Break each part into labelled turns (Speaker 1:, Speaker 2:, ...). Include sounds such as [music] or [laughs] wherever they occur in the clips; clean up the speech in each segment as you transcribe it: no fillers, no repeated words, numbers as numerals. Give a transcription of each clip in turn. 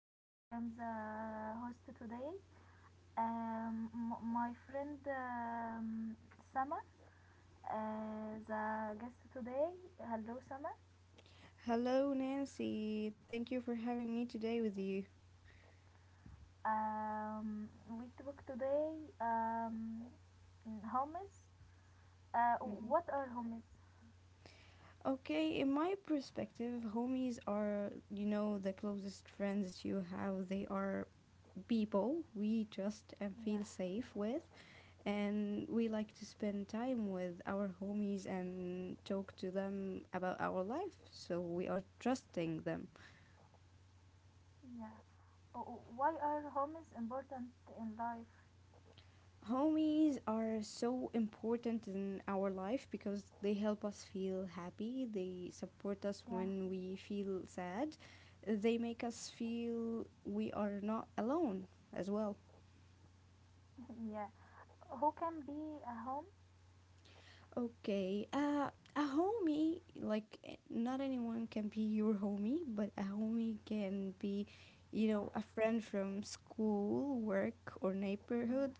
Speaker 1: Nancy. I'm the host today. My friend Sama, the guest today. Hello, Sama.
Speaker 2: Hello, Nancy. Thank you for having me today with you.
Speaker 1: Um, we talk today um, homes. Uh,
Speaker 2: Mhm.
Speaker 1: what are homes?
Speaker 2: Okay, in my perspective, homies are, you know, the closest friends you have. They are people we trust and feel
Speaker 1: Yeah,
Speaker 2: safe with, and we like to spend time with our homies and talk to them about our life. So we are trusting them.
Speaker 1: yeah. Oh, why are homes important in life?
Speaker 2: Homies are so important in our life because they help us feel happy, they
Speaker 1: Yeah,
Speaker 2: support us when we feel sad, they make us feel we are not alone as well.
Speaker 1: [laughs] yeah. Who can be a home?
Speaker 2: Okay, a homie, like, eh, not anyone can be your homie, but a homie can be,
Speaker 1: Yeah.
Speaker 2: you know, a friend from school, work, or neighborhood,
Speaker 1: Yeah.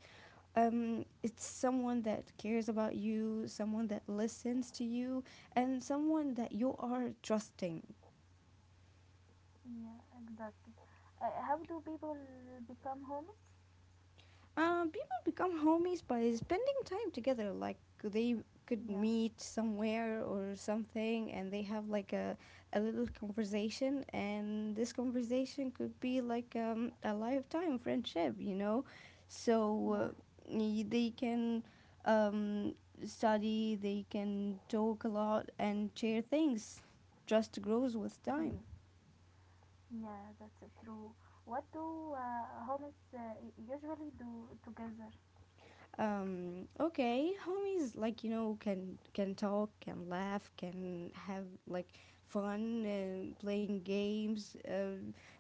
Speaker 2: it's someone that cares about you, someone that listens to you, and someone that you are trusting.
Speaker 1: Yeah, exactly. How do people become homeless?
Speaker 2: People become homies by spending time together. Like they could
Speaker 1: Yeah,
Speaker 2: meet somewhere or something, and they have like a little conversation, and this conversation could be like a lifetime friendship, you know. So
Speaker 1: yeah,
Speaker 2: they can, um, study, they can talk a lot, and share things. Just grows with
Speaker 1: [laughs]
Speaker 2: time.
Speaker 1: yeah, that's true. What do homeless usually do together?
Speaker 2: Okay, homies, like, you know, can talk, can laugh, can have like fun and playing games,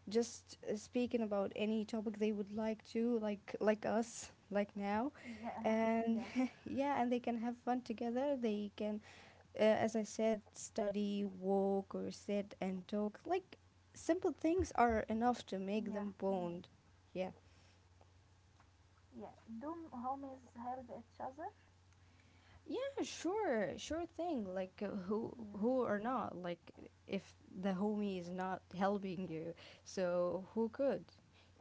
Speaker 2: just speaking about any topic they would like to, like like us, like now,
Speaker 1: Yeah,
Speaker 2: and
Speaker 1: yeah,
Speaker 2: [laughs] yeah, and they can have fun together. They can, as I said, study, walk, or sit and talk. Like simple things are enough to make
Speaker 1: yeah,
Speaker 2: them bond. Yeah.
Speaker 1: yeah. Do homeless help each other?
Speaker 2: Yeah, sure, sure thing. Like
Speaker 1: Yeah,
Speaker 2: who or not? Like if the homie is not helping you, so who could?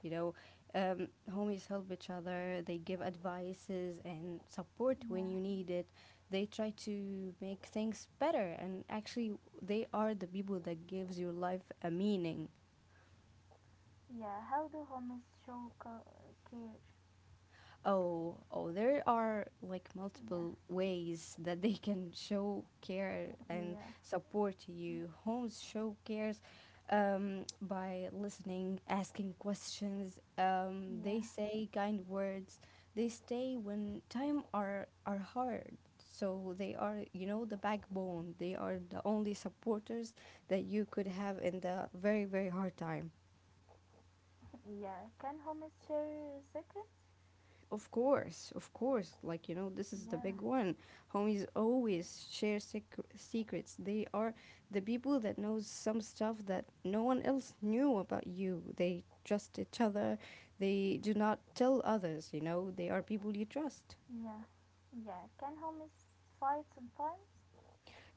Speaker 2: You know, homies help each other. They give advices and support when
Speaker 1: yeah,
Speaker 2: you need it. They try to make things better, and actually, they are the people that gives your life a meaning.
Speaker 1: yeah. How do homeless show care?
Speaker 2: Oh, oh, there are like
Speaker 1: Yeah,
Speaker 2: multiple ways that they can show care
Speaker 1: [laughs]
Speaker 2: and
Speaker 1: yeah,
Speaker 2: support to
Speaker 1: yeah,
Speaker 2: you. Homes show cares, by listening, asking questions. They
Speaker 1: yeah. [laughs]
Speaker 2: say kind words. They stay when time are hard. So they are, you know, the backbone. They are the only supporters that you could have in the very, very hard time.
Speaker 1: Yeah. Can homeless share secrets?
Speaker 2: Of course, of course. Like, you know, this is the
Speaker 1: Yeah,
Speaker 2: big one. Homies always share secrets. They are the people that knows some stuff that no one else knew about you. They trust each other. They do not tell others, you know. They are people you trust.
Speaker 1: yeah, yeah. Can homies fight sometimes?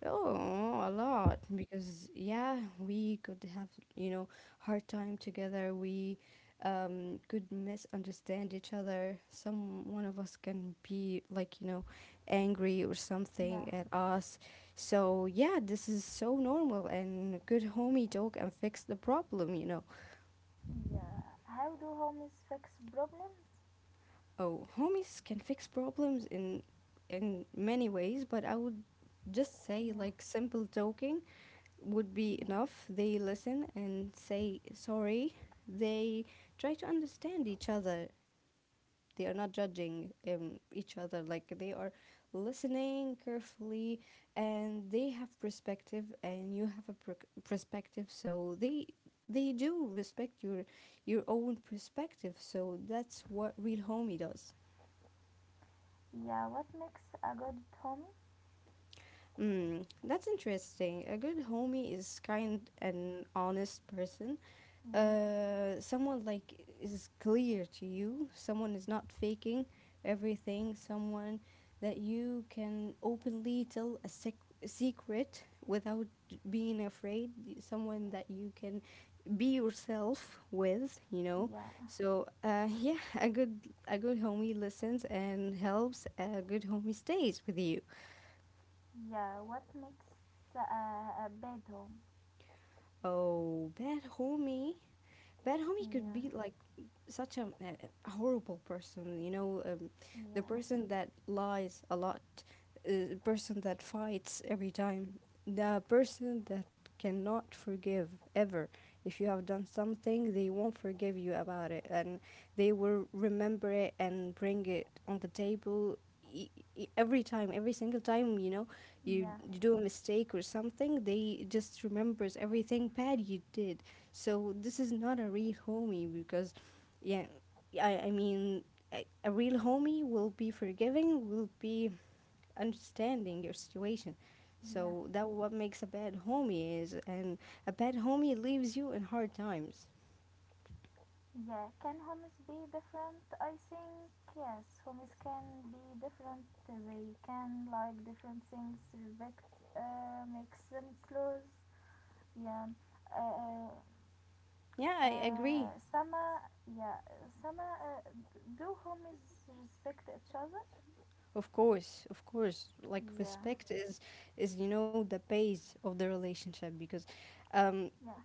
Speaker 2: Oh, a lot because yeah, we could have, you know, hard time together. We, um, could misunderstand each other. Some one of us can be like, you know, angry or
Speaker 1: Yeah,
Speaker 2: something at us. So, yeah, this is so normal and good homie talk and fix the problem, you know.
Speaker 1: yeah. How do homies fix problems?
Speaker 2: Oh, homies can fix problems in many ways, but I would just say
Speaker 1: Yeah,
Speaker 2: like simple talking would be enough. They listen and say sorry. They try to understand each other. They are not judging, each other. Like they are listening carefully and they have perspective and you have a perspective, so they do respect your own perspective, so that's what real homie does.
Speaker 1: yeah. What makes a good homie?
Speaker 2: Mm, that's interesting. A good homie is kind and honest person,
Speaker 1: Yeah,
Speaker 2: someone like is clear to you, someone is not faking everything, someone that you can openly tell a secret without being afraid, someone that you can be yourself with, you know.
Speaker 1: yeah,
Speaker 2: So [laughs] yeah, a good homie listens and helps. A good homie stays with you.
Speaker 1: yeah. What makes a bad home?
Speaker 2: Oh, bad homie. Bad homie could
Speaker 1: Yeah,
Speaker 2: be like such a, a horrible person, you know, the
Speaker 1: yeah,
Speaker 2: person that lies a lot, the person that fights every time, the person that cannot forgive ever. If you have done something, they won't forgive you about it, and they will remember it and bring it on the table every time, every single time, you know,
Speaker 1: yeah,
Speaker 2: you do a mistake or something they just remembers everything bad you did, so this is not a real homie because, yeah, I mean, a real homie will be forgiving, will be understanding your situation.
Speaker 1: yeah,
Speaker 2: So that what makes a bad homie is, and a bad homie leaves you in hard times.
Speaker 1: yeah. Can homies be different? I think yes. Homies can be different. They can like different things. Respect makes them close. Yeah. Uh, uh,
Speaker 2: Yeah, I agree.
Speaker 1: Sama, yeah, Sama, do homies respect each other?
Speaker 2: Of course, of course. Like
Speaker 1: Yeah,
Speaker 2: respect is you know the base of the relationship because, um,
Speaker 1: yeah,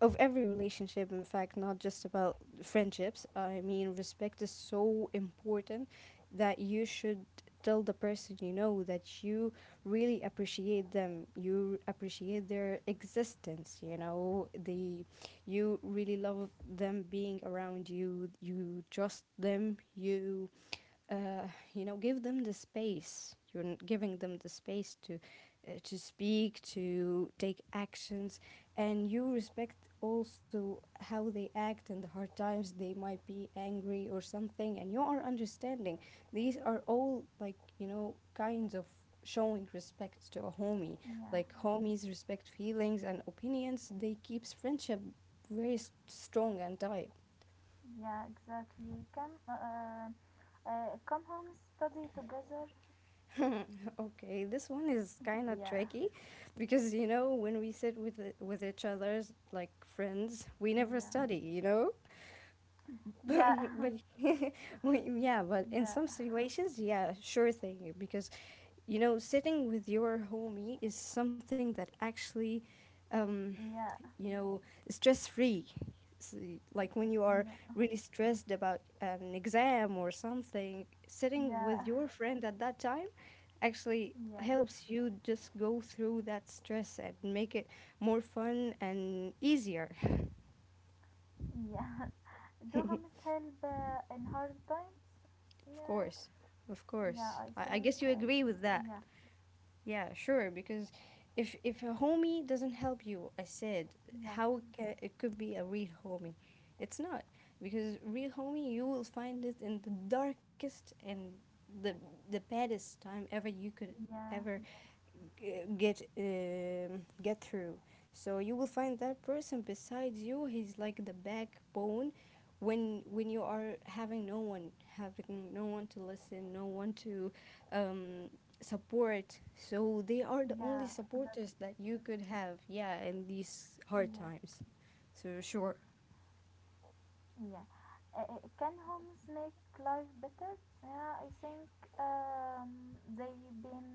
Speaker 2: of every relationship, in fact, not just about friendships. I mean respect is so important that you should tell the person, you know, that you really appreciate them, you appreciate their existence, you know, the you really love them being around you, you trust them, you, uh, you know, give them the space, giving them the space to, to speak, to take actions, and you respect also how they act in the hard times. They might be angry or something and you are understanding. These are all, like, you know, kinds of showing respect to a homie.
Speaker 1: yeah,
Speaker 2: Like homies respect feelings and opinions, they keeps friendship very strong and tight.
Speaker 1: yeah, exactly. Come home, study together.
Speaker 2: [laughs] Okay, this one is kind of
Speaker 1: Yeah,
Speaker 2: tricky because, you know, when we sit with with each other's like friends, we never
Speaker 1: yeah,
Speaker 2: study, you know? [laughs]
Speaker 1: yeah,
Speaker 2: But
Speaker 1: [laughs]
Speaker 2: [laughs] yeah, but in some
Speaker 1: yeah,
Speaker 2: situations, yeah, sure thing because you know sitting with your homie is something that actually, um
Speaker 1: yeah,
Speaker 2: you know, stress free. Like when you are
Speaker 1: yeah,
Speaker 2: really stressed about an exam or something, sitting with
Speaker 1: yeah,
Speaker 2: your friend at that time actually
Speaker 1: yeah,
Speaker 2: helps you just go through that stress and make it more fun and easier.
Speaker 1: yeah. [laughs]
Speaker 2: [laughs]
Speaker 1: Do
Speaker 2: Of
Speaker 1: homies help in hard times? Yeah,
Speaker 2: course, of
Speaker 1: yeah,
Speaker 2: course.
Speaker 1: I
Speaker 2: I
Speaker 1: think,
Speaker 2: guess you
Speaker 1: I
Speaker 2: agree
Speaker 1: think,
Speaker 2: with that.
Speaker 1: yeah,
Speaker 2: Yeah, sure. Because if a homie doesn't help you, I said
Speaker 1: yeah,
Speaker 2: how it ca it could be a real homie. It's not because real homie you will find it in the darkest and the the baddest time ever you could ever
Speaker 1: yeah,
Speaker 2: get, um, get through. So you will find that person besides you. He's like the backbone when you are having no one to listen, no one to, um, support. So they are the only
Speaker 1: yeah,
Speaker 2: supporters
Speaker 1: exactly,
Speaker 2: that you could have. Yeah, in these hard
Speaker 1: yeah.
Speaker 2: times. So sure.
Speaker 1: Yeah. Can homes make life better? Yeah, I think they been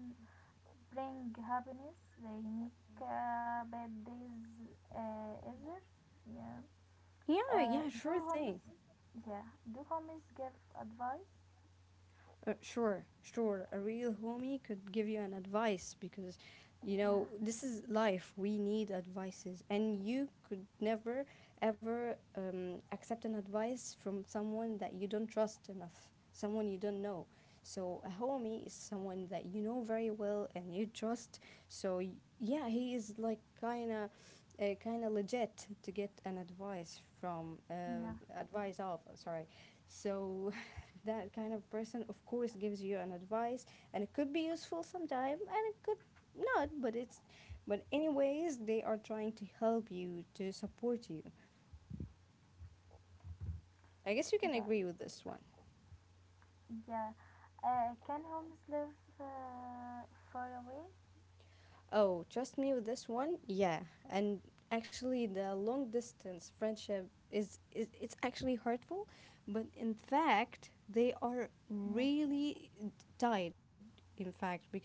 Speaker 1: bring happiness. They make bad days easier. Yeah.
Speaker 2: Yeah, yeah,
Speaker 1: Do
Speaker 2: sure
Speaker 1: homes?
Speaker 2: thing.
Speaker 1: Yeah. Do homes give advice?
Speaker 2: Sure, sure. A real homie could give you an advice because, you
Speaker 1: Yeah.
Speaker 2: know, this is life. We need advices, and you could never ever, accept an advice from someone that you don't trust enough, someone you don't know. So a homie is someone that you know very well and you trust. So yeah, he is like kind of. Kind of legit to get an advice from,
Speaker 1: Yeah.
Speaker 2: advice of sorry, so that kind of person of course gives you an advice and it could be useful sometime and it could not, but anyways they are trying to help you, to support you. I guess you can
Speaker 1: Yeah.
Speaker 2: agree with this one.
Speaker 1: Yeah. Can homes live uh, far away?
Speaker 2: Oh, trust me with this one, yeah, and actually the long distance friendship is, it's actually hurtful but in fact they are
Speaker 1: Yeah.
Speaker 2: really tied, in fact, because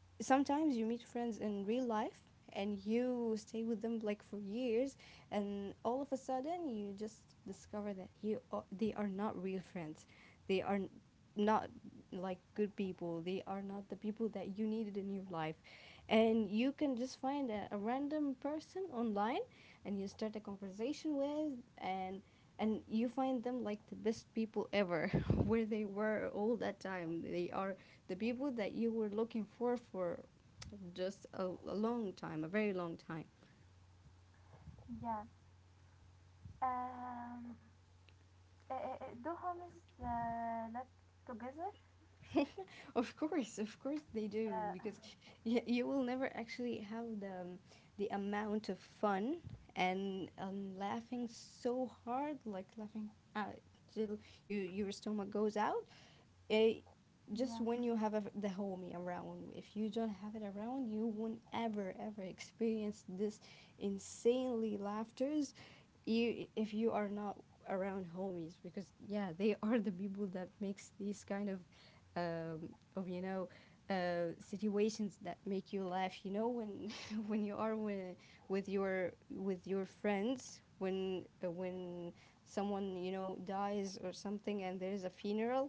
Speaker 2: sometimes you meet friends in real life and you stay with them like for years and all of a sudden you just discover that they are not real friends, they are not like good people, they are not the people that you needed in your life, and you can just find a random person online and you start a conversation with, and you find them like the best people ever. [laughs] Where they were all that time, they are the people that you were looking for just a long time, a very long time. [laughs]
Speaker 1: Yeah. Um, do homes live together?
Speaker 2: Of course they do
Speaker 1: Yeah.
Speaker 2: because [laughs] you will never actually have the, the amount of fun and, laughing so hard, like laughing, uh, till your stomach goes out, it
Speaker 1: Yeah,
Speaker 2: just when you have the homie around. If you don't have it around you won't ever ever experience this insanely laughters, you if you are not around homies because yeah they [laughs] are the people that makes these kind of, um, of, you know, situations that make you laugh, you know, when [laughs] when you are with your friends when someone you know dies or something and there's a funeral,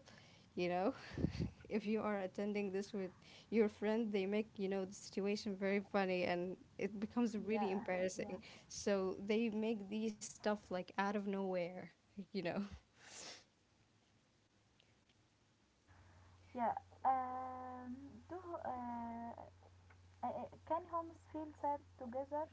Speaker 2: you know, [laughs] if you are attending this with your friend they make, you know, the situation very funny and it becomes really
Speaker 1: yeah, yeah,
Speaker 2: embarrassing, so they make these stuff like out of nowhere, you know.
Speaker 1: yeah. Um, do Can homes feel sad together?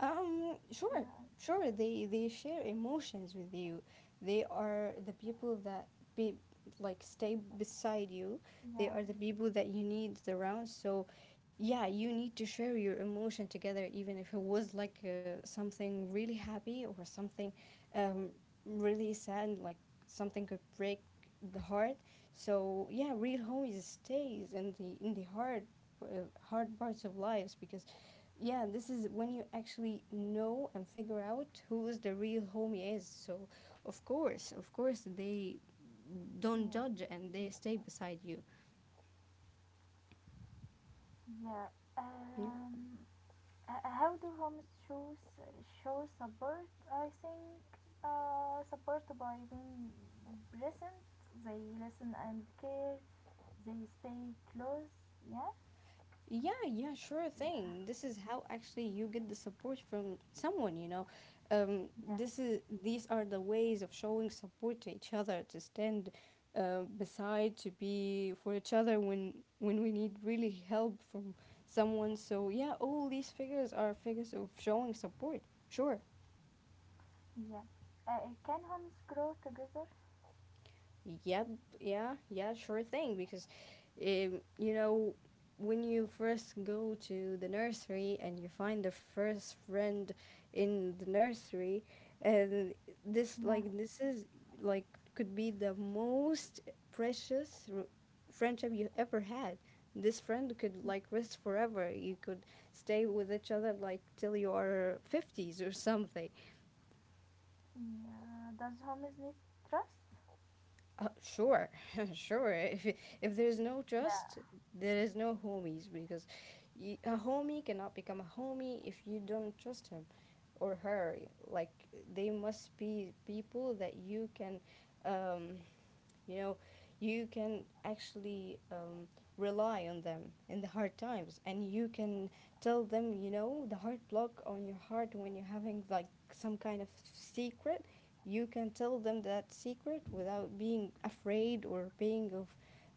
Speaker 2: Sure,
Speaker 1: No,
Speaker 2: sure. They share emotions with you. They are the people that be like stay beside you.
Speaker 1: yeah,
Speaker 2: They are the people that you need around. So, yeah, you need to share your emotion together, even if it was like, something really happy or something, um really sad, like something could break the heart. So yeah, real homies stays in the hard hard parts of lives because yeah, this is when you actually know and figure out who's the real homie is. So, of course, they don't
Speaker 1: yeah,
Speaker 2: judge and they stay beside you.
Speaker 1: yeah.
Speaker 2: Yeah.
Speaker 1: Um, how do homes show support? I think support by being present. They listen and care. They stay close. Yeah,
Speaker 2: Yeah, yeah, sure thing. This is how actually you get the support from someone.
Speaker 1: yeah,
Speaker 2: This is These are the ways of showing support to each other, to stand beside, to be for each other when we need really help from someone. So yeah, all these figures are figures of showing support. Sure.
Speaker 1: yeah. Can homes grow together?
Speaker 2: Yep, yeah, yeah, sure thing. Because, you know, when you first go to the nursery and you find the first friend in the nursery, and this,
Speaker 1: Yeah.
Speaker 2: like, this is, like, could be the most precious friendship you ever had. This friend could, like, rest forever. You could stay with each other, like, till you are 50s or something.
Speaker 1: Yeah. Does homies need trust?
Speaker 2: Sure, [laughs] sure. If there's no trust,
Speaker 1: Yeah.
Speaker 2: there is no homies because y a homie cannot become a homie if you don't trust him or her. Like they must be people that you can um, you know, you can actually rely on them in the hard times, and you can tell them, you know, the hard block on your heart when you're having like some kind of secret. You can tell them that secret without being afraid or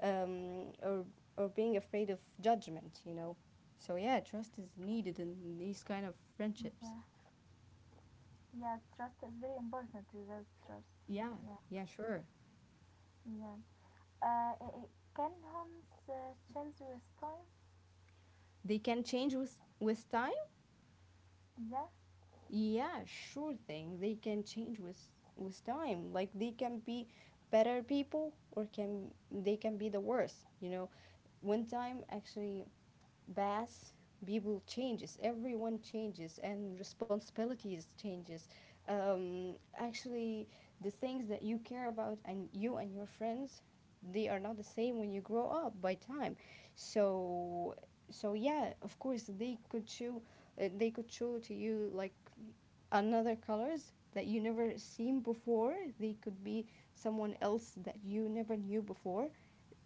Speaker 2: um, or or being afraid of judgment. You know, so yeah, trust is needed in these kind of
Speaker 1: Yeah.
Speaker 2: friendships.
Speaker 1: Yeah. Trust is very important. Without trust.
Speaker 2: Yeah,
Speaker 1: Yeah.
Speaker 2: yeah, sure.
Speaker 1: Yeah. Can homes change with time?
Speaker 2: They can change with time.
Speaker 1: Yeah.
Speaker 2: Yeah, sure thing. They can change with time. Like they can be better people or can they can be the worst, you know. When time actually pass, people changes, everyone changes and responsibilities changes. Actually the things that you care about and you and your friends, they are not the same when you grow up by time. So so yeah, of course they could show to you like another colors that you never seen before. They could be someone else that you never knew before,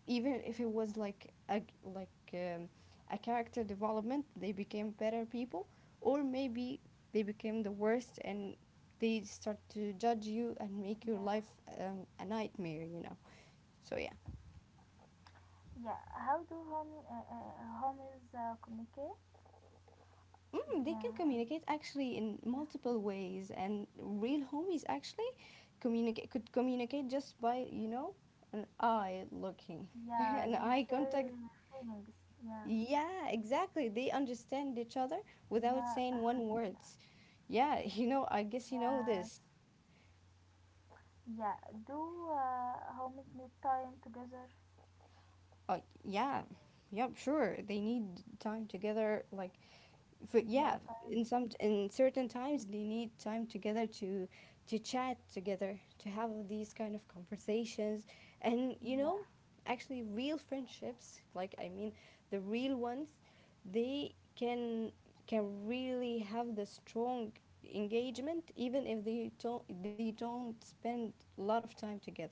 Speaker 2: even if it was like a character development. They became better people or maybe they became the worst and they start to judge you and make your
Speaker 1: Yeah.
Speaker 2: life a nightmare, you know. So yeah.
Speaker 1: Yeah. How do home homies communicate?
Speaker 2: Mm, they can
Speaker 1: Yeah.
Speaker 2: communicate actually in
Speaker 1: Yeah.
Speaker 2: multiple ways, and real homies actually communicate could communicate just by, you know, an eye looking, [laughs]
Speaker 1: Yeah.
Speaker 2: an
Speaker 1: They
Speaker 2: eye
Speaker 1: share
Speaker 2: contact.
Speaker 1: feelings. Yeah.
Speaker 2: Yeah, exactly. They understand each other without
Speaker 1: Yeah.
Speaker 2: saying one
Speaker 1: [laughs] yeah.
Speaker 2: words. Yeah, [laughs] you know, I guess you know
Speaker 1: Yeah.
Speaker 2: this.
Speaker 1: Yeah. Do homies need time together?
Speaker 2: Yeah, yep, sure. They need time together, like for
Speaker 1: Yeah.
Speaker 2: yeah,
Speaker 1: Time.
Speaker 2: in some in certain times they need time together to chat together, to have these kind of conversations, and you
Speaker 1: Yeah.
Speaker 2: know, actually real friendships, like I mean the real ones, they can really have the strong engagement even if they don't spend a lot of time together,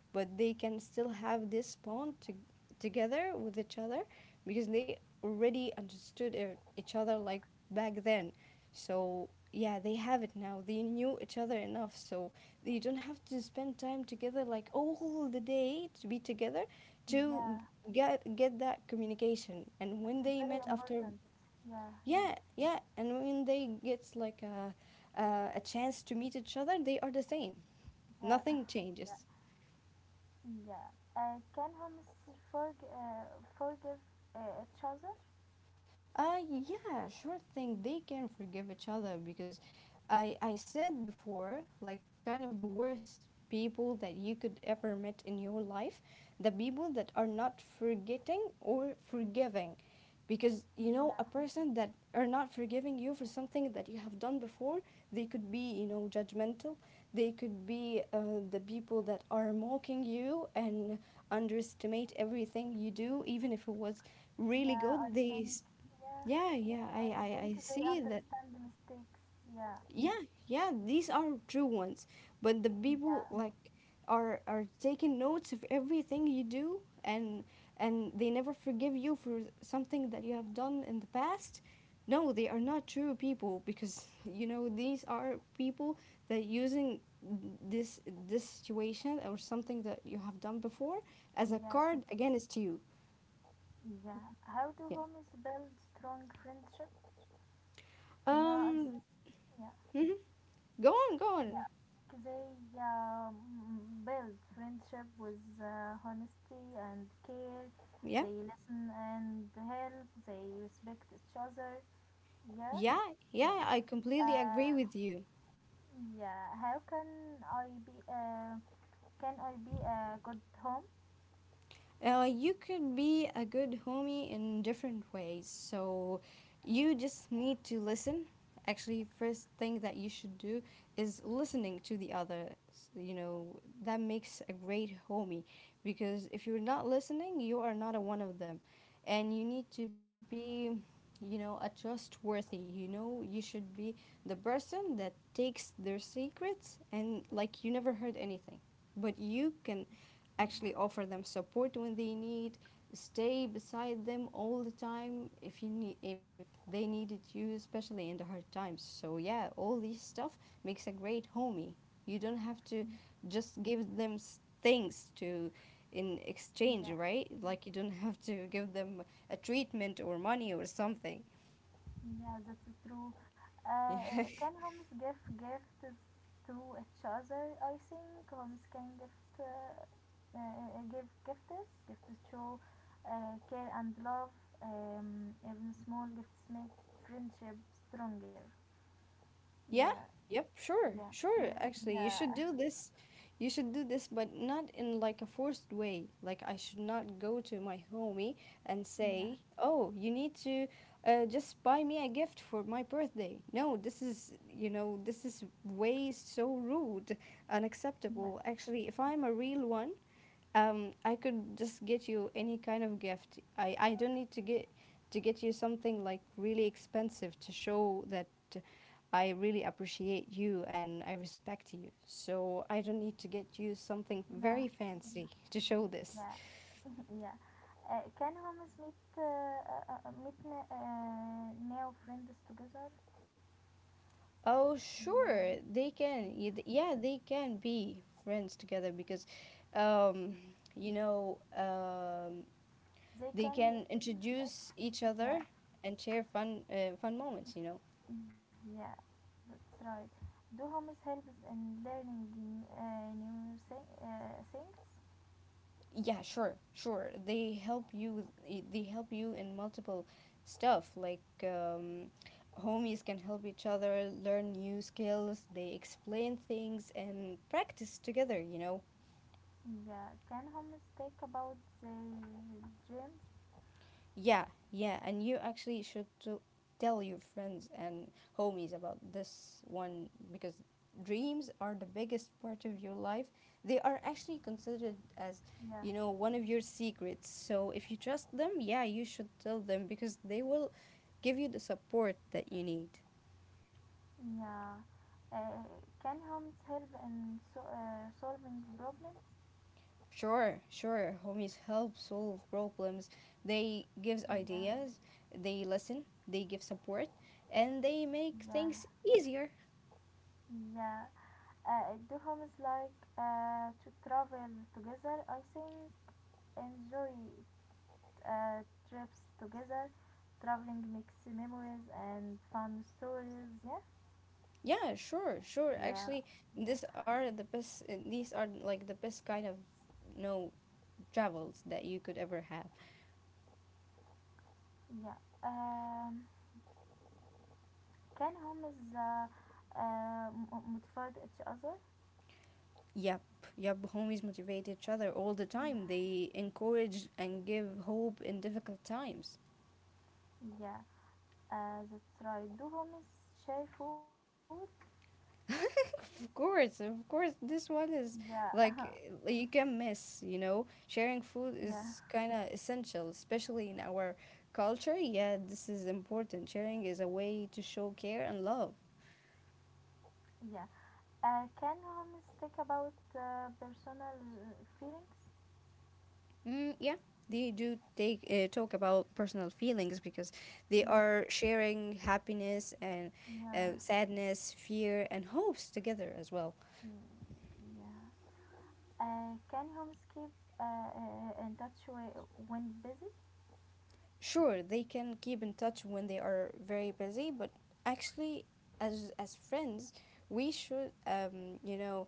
Speaker 2: but they can still have this bond to, together with each other because they already understood each other like back then. So yeah, they have it now. They knew each other enough, so they don't have to spend time together like all the day to be together to
Speaker 1: Yeah.
Speaker 2: get that communication. And when they
Speaker 1: It's
Speaker 2: met
Speaker 1: very
Speaker 2: after,
Speaker 1: important. Yeah,
Speaker 2: yeah,
Speaker 1: yeah,
Speaker 2: yeah, and when they get like a chance to meet each other, they are the same.
Speaker 1: yeah,
Speaker 2: Nothing
Speaker 1: yeah,
Speaker 2: changes.
Speaker 1: yeah. Can humans forg- uh, forgive each other?
Speaker 2: Yeah, sure thing. They can forgive each other because I said before, like kind of the worst people that you could ever meet in your life, the people that are not forgetting or forgiving. Because you know, a
Speaker 1: Yeah,
Speaker 2: person that are not forgiving you for something that you have done before, they could be, you know, judgmental. They could be the people that are mocking you and underestimate everything you do, even if it was really
Speaker 1: yeah. I
Speaker 2: good. They
Speaker 1: think. Yeah,
Speaker 2: yeah, yeah,
Speaker 1: yeah. I think
Speaker 2: I
Speaker 1: they
Speaker 2: see that.
Speaker 1: understand the mistakes. Yeah,
Speaker 2: Yeah, yeah, these are true ones. But the people
Speaker 1: yeah,
Speaker 2: like are taking notes of everything you do, and they never forgive you for something that you have done in the past. No, they are not true people because [laughs] you know these are people that using this this situation or something that you have done before as a
Speaker 1: yeah,
Speaker 2: card against you.
Speaker 1: yeah. How do
Speaker 2: Yeah.
Speaker 1: homies build strong friendship? Yeah, I
Speaker 2: Um.
Speaker 1: think. Yeah,
Speaker 2: Mhm. Go on. Go on.
Speaker 1: yeah, they um, build friendship with honesty and care.
Speaker 2: Yeah.
Speaker 1: They listen and help. They respect each other. Yeah.
Speaker 2: Yeah,
Speaker 1: Yeah.
Speaker 2: yeah, I completely agree
Speaker 1: Uh,
Speaker 2: with you.
Speaker 1: yeah. How can I be? Can I be a good home?
Speaker 2: You could be a good homie in different ways. So you just need to listen. Actually, first thing that you should do is listening to the other. You know, that makes a great homie because if you're not listening, you are not a one of them. And you need to be, you know, a trustworthy. You know, you should be the person that takes their secrets and like you never heard anything, but you can actually offer them support when they need, stay beside them all the time if you need, if they needed you, especially in the hard times. So yeah, all this stuff makes a great homie. You don't have to just give them things to in exchange,
Speaker 1: Yeah.
Speaker 2: right? Like you don't have to give them a treatment or money or something.
Speaker 1: Yeah, that's so true. Can
Speaker 2: [laughs]
Speaker 1: homes give gifts to each other? I think homes can give gifts. Gifts show care and love. Even small gifts make friendship stronger.
Speaker 2: Yeah,
Speaker 1: Yeah,
Speaker 2: yep, sure,
Speaker 1: yeah,
Speaker 2: sure.
Speaker 1: [laughs]
Speaker 2: Actually, you
Speaker 1: yeah,
Speaker 2: should do this. You should do this, but not in like a forced way. Like I should not go to my homie and
Speaker 1: yeah,
Speaker 2: say, "Oh, you need to just buy me a gift for my birthday." No, this is, you know, this is way so rude,
Speaker 1: yeah,
Speaker 2: unacceptable. Actually, if I'm a real one, I could just get you any kind of gift. I don't need to get you something like really expensive to show that I really appreciate you and I respect you. So I don't need to get you something
Speaker 1: yeah,
Speaker 2: very fancy to show this.
Speaker 1: yeah, [laughs] yeah. Can homes meet new friends together?
Speaker 2: Oh,
Speaker 1: Yeah,
Speaker 2: sure, they can. Yeah, they can be friends together because, um, you know,
Speaker 1: they
Speaker 2: they
Speaker 1: can,
Speaker 2: can introduce each
Speaker 1: yeah,
Speaker 2: other and share fun, fun moments. You know.
Speaker 1: yeah, that's right. Do homes helps in learning new things.
Speaker 2: Yeah, sure, sure, they help you with, they help you in multiple stuff like, homies can help each other learn new skills. They explain things and practice together, you know.
Speaker 1: Yeah, can homes talk about their dreams?
Speaker 2: Yeah, yeah, and you actually should to tell your friends and homies about this one because dreams are the biggest part of your life. They are actually considered as,
Speaker 1: Yeah,
Speaker 2: you know, one of your secrets. So if you trust them, yeah, you should tell them because they will give you the support that you need.
Speaker 1: yeah. Uh, can homes help in solving problems?
Speaker 2: Sure, sure. Homies help solve problems. They gives
Speaker 1: Yeah,
Speaker 2: ideas, they listen, they give support, and they make
Speaker 1: yeah,
Speaker 2: things easier.
Speaker 1: yeah. Do homes like to travel together? I think enjoy uh, trips together. Traveling makes memories and fun stories. Yeah,
Speaker 2: Yeah, sure, sure.
Speaker 1: yeah,
Speaker 2: Actually,
Speaker 1: yeah,
Speaker 2: these are the best. These are like the best kind of no travels that you could ever have.
Speaker 1: yeah. Um, can homies motivate each other?
Speaker 2: Yep, yep. Homies motivate each other all the
Speaker 1: Yeah,
Speaker 2: time. They encourage and give hope in difficult times.
Speaker 1: yeah. That's right. Do homies share food?
Speaker 2: [laughs] of course, of course. This one is
Speaker 1: Yeah, [laughs]
Speaker 2: like you can miss. You know, sharing food
Speaker 1: yeah,
Speaker 2: is kind of essential, especially in our culture. Yeah, this is important. Sharing is a way to show care and love.
Speaker 1: yeah. Can homies talk about personal feelings?
Speaker 2: Mm, yeah, they do take talk about personal feelings because they
Speaker 1: Yeah,
Speaker 2: are sharing happiness and
Speaker 1: yeah,
Speaker 2: sadness, fear, and hopes together as well.
Speaker 1: mm, yeah. Can homes keep in touch when busy?
Speaker 2: Sure, they can keep in touch when they are very busy, but actually, as friends, we should, you know,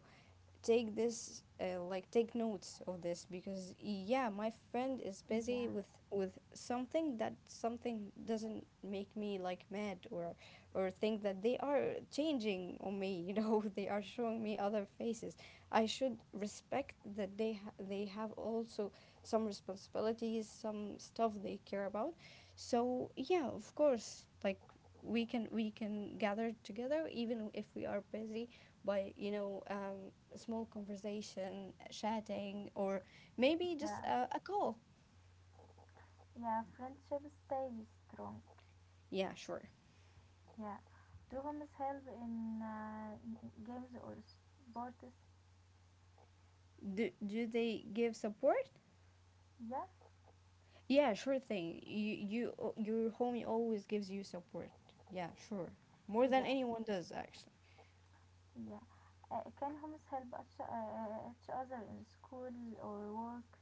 Speaker 2: take this, take notes of this, because yeah, my friend is
Speaker 1: Yeah,
Speaker 2: busy with something, that something doesn't make me like mad or think that they are changing on me, you know. [laughs] They are showing me other faces. I should respect that they they have also some responsibilities, some stuff they care about. So yeah, of course, like we can gather together even if we are busy, by, you know, a small conversation, chatting, or maybe just
Speaker 1: yeah,
Speaker 2: a call.
Speaker 1: yeah. Friendship stays strong.
Speaker 2: Yeah, sure.
Speaker 1: Yeah. Do homes help in games or sports?
Speaker 2: Do they give support?
Speaker 1: Yeah,
Speaker 2: Yeah, sure thing. Your homie always gives you support. Yeah, sure. More than
Speaker 1: yeah,
Speaker 2: anyone does actually.
Speaker 1: yeah. Can homes help each other in school or work?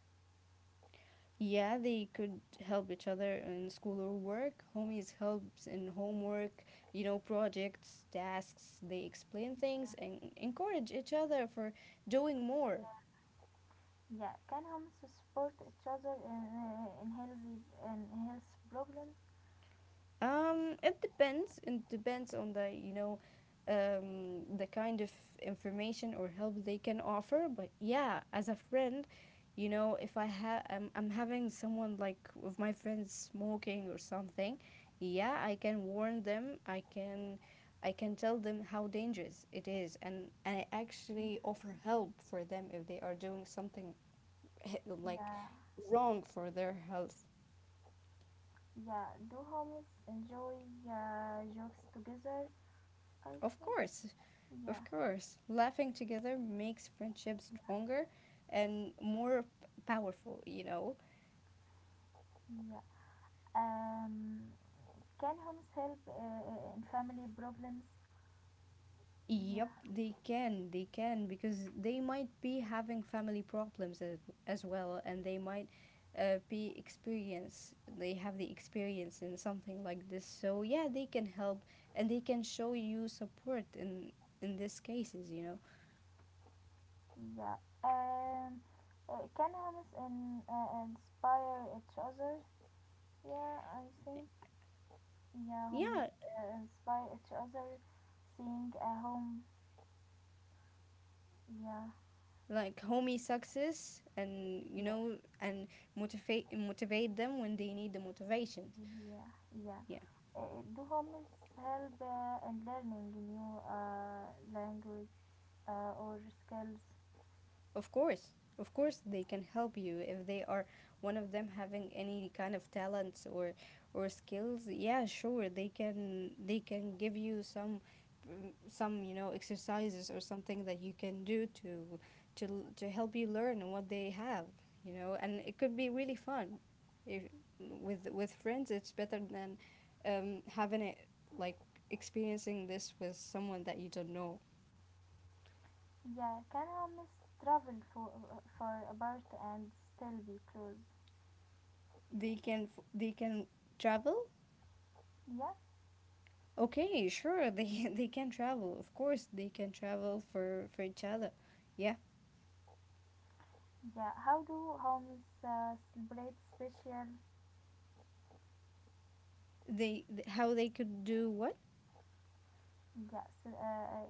Speaker 2: Yeah, they could help each other in school or work. Homies helps in homework, you know, projects, tasks. They explain things and encourage each other for doing more.
Speaker 1: Yeah. Can homes support each other in health problems?
Speaker 2: It depends. It depends on the, you know, the kind of information or help they can offer. But yeah, as a friend, you know, if I have, I'm having someone like with my friends smoking or something, yeah, I can warn them. I can tell them how dangerous it is, and I actually offer help for them if they are doing something [laughs]
Speaker 1: Yeah,
Speaker 2: like
Speaker 1: yeah.
Speaker 2: wrong for their health.
Speaker 1: Yeah, do homies enjoy jokes together? I
Speaker 2: Of
Speaker 1: think.
Speaker 2: course,
Speaker 1: Yeah,
Speaker 2: of course, laughing together makes friendships stronger and more powerful, you know?
Speaker 1: yeah. Um, can homies help in family problems?
Speaker 2: Yep,
Speaker 1: Yeah,
Speaker 2: they can, because they might be having family problems as well, and they might they have the experience in something like this. So yeah, they can help and they can show you support in these cases, you know?
Speaker 1: yeah. Um, can homies inspire each other? Yeah, I think. Yeah, homies
Speaker 2: Yeah,
Speaker 1: inspire each other. Seeing a home. Yeah,
Speaker 2: like homey success and you
Speaker 1: yeah.
Speaker 2: know, and motivate them when they need the motivations,
Speaker 1: Yeah, yeah.
Speaker 2: yeah.
Speaker 1: Do homes help in learning new language or skills?
Speaker 2: Of course, of course they can help you if they are one of them having any kind of talents or skills. Yeah, sure, they can, they can give you some, some, you know, exercises or something that you can do to to help you learn what they have, you know, and it could be really fun. If with friends, it's better than having it like experiencing this with someone that you don't know.
Speaker 1: Yeah, can homes travel for apart and still be close?
Speaker 2: They can travel.
Speaker 1: Yeah,
Speaker 2: Okay, sure. They [laughs] they can travel. Of course, they can travel for each other. Yeah.
Speaker 1: yeah. How do homes celebrate special?
Speaker 2: How they could do what?
Speaker 1: Yeah,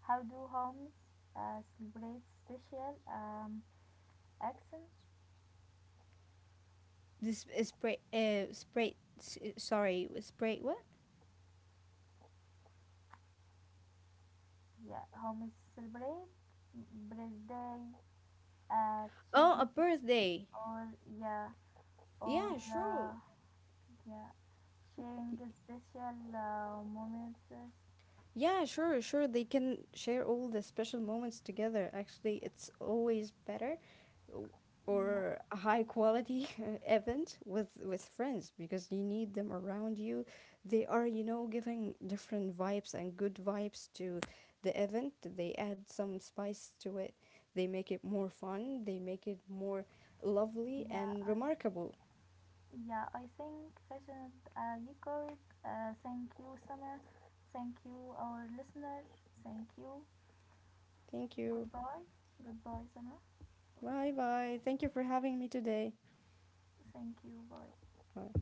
Speaker 1: how do homes celebrate special accents?
Speaker 2: This is spray sorry, spray what?
Speaker 1: Yeah, homes celebrate birthday,
Speaker 2: Oh, a
Speaker 1: achievements
Speaker 2: birthday.
Speaker 1: or yeah
Speaker 2: Yeah,
Speaker 1: or
Speaker 2: sure.
Speaker 1: yeah, sharing special moments, yeah,
Speaker 2: Yeah, sure, sure. They can share all the special moments together. Actually, it's always better w- or a high quality [laughs] event with friends because you need them around you. They are, you know, giving different vibes and good vibes to the event. They add some spice to it. They make it more fun. They make it more lovely
Speaker 1: yeah,
Speaker 2: and
Speaker 1: I,
Speaker 2: remarkable.
Speaker 1: yeah, I think fashion, you could, thank you, Summer, thank you, our listener, thank you,
Speaker 2: Thank you.
Speaker 1: goodbye, goodbye, Summer,
Speaker 2: Bye bye. Thank you for having me today.
Speaker 1: thank you, bye.
Speaker 2: Bye.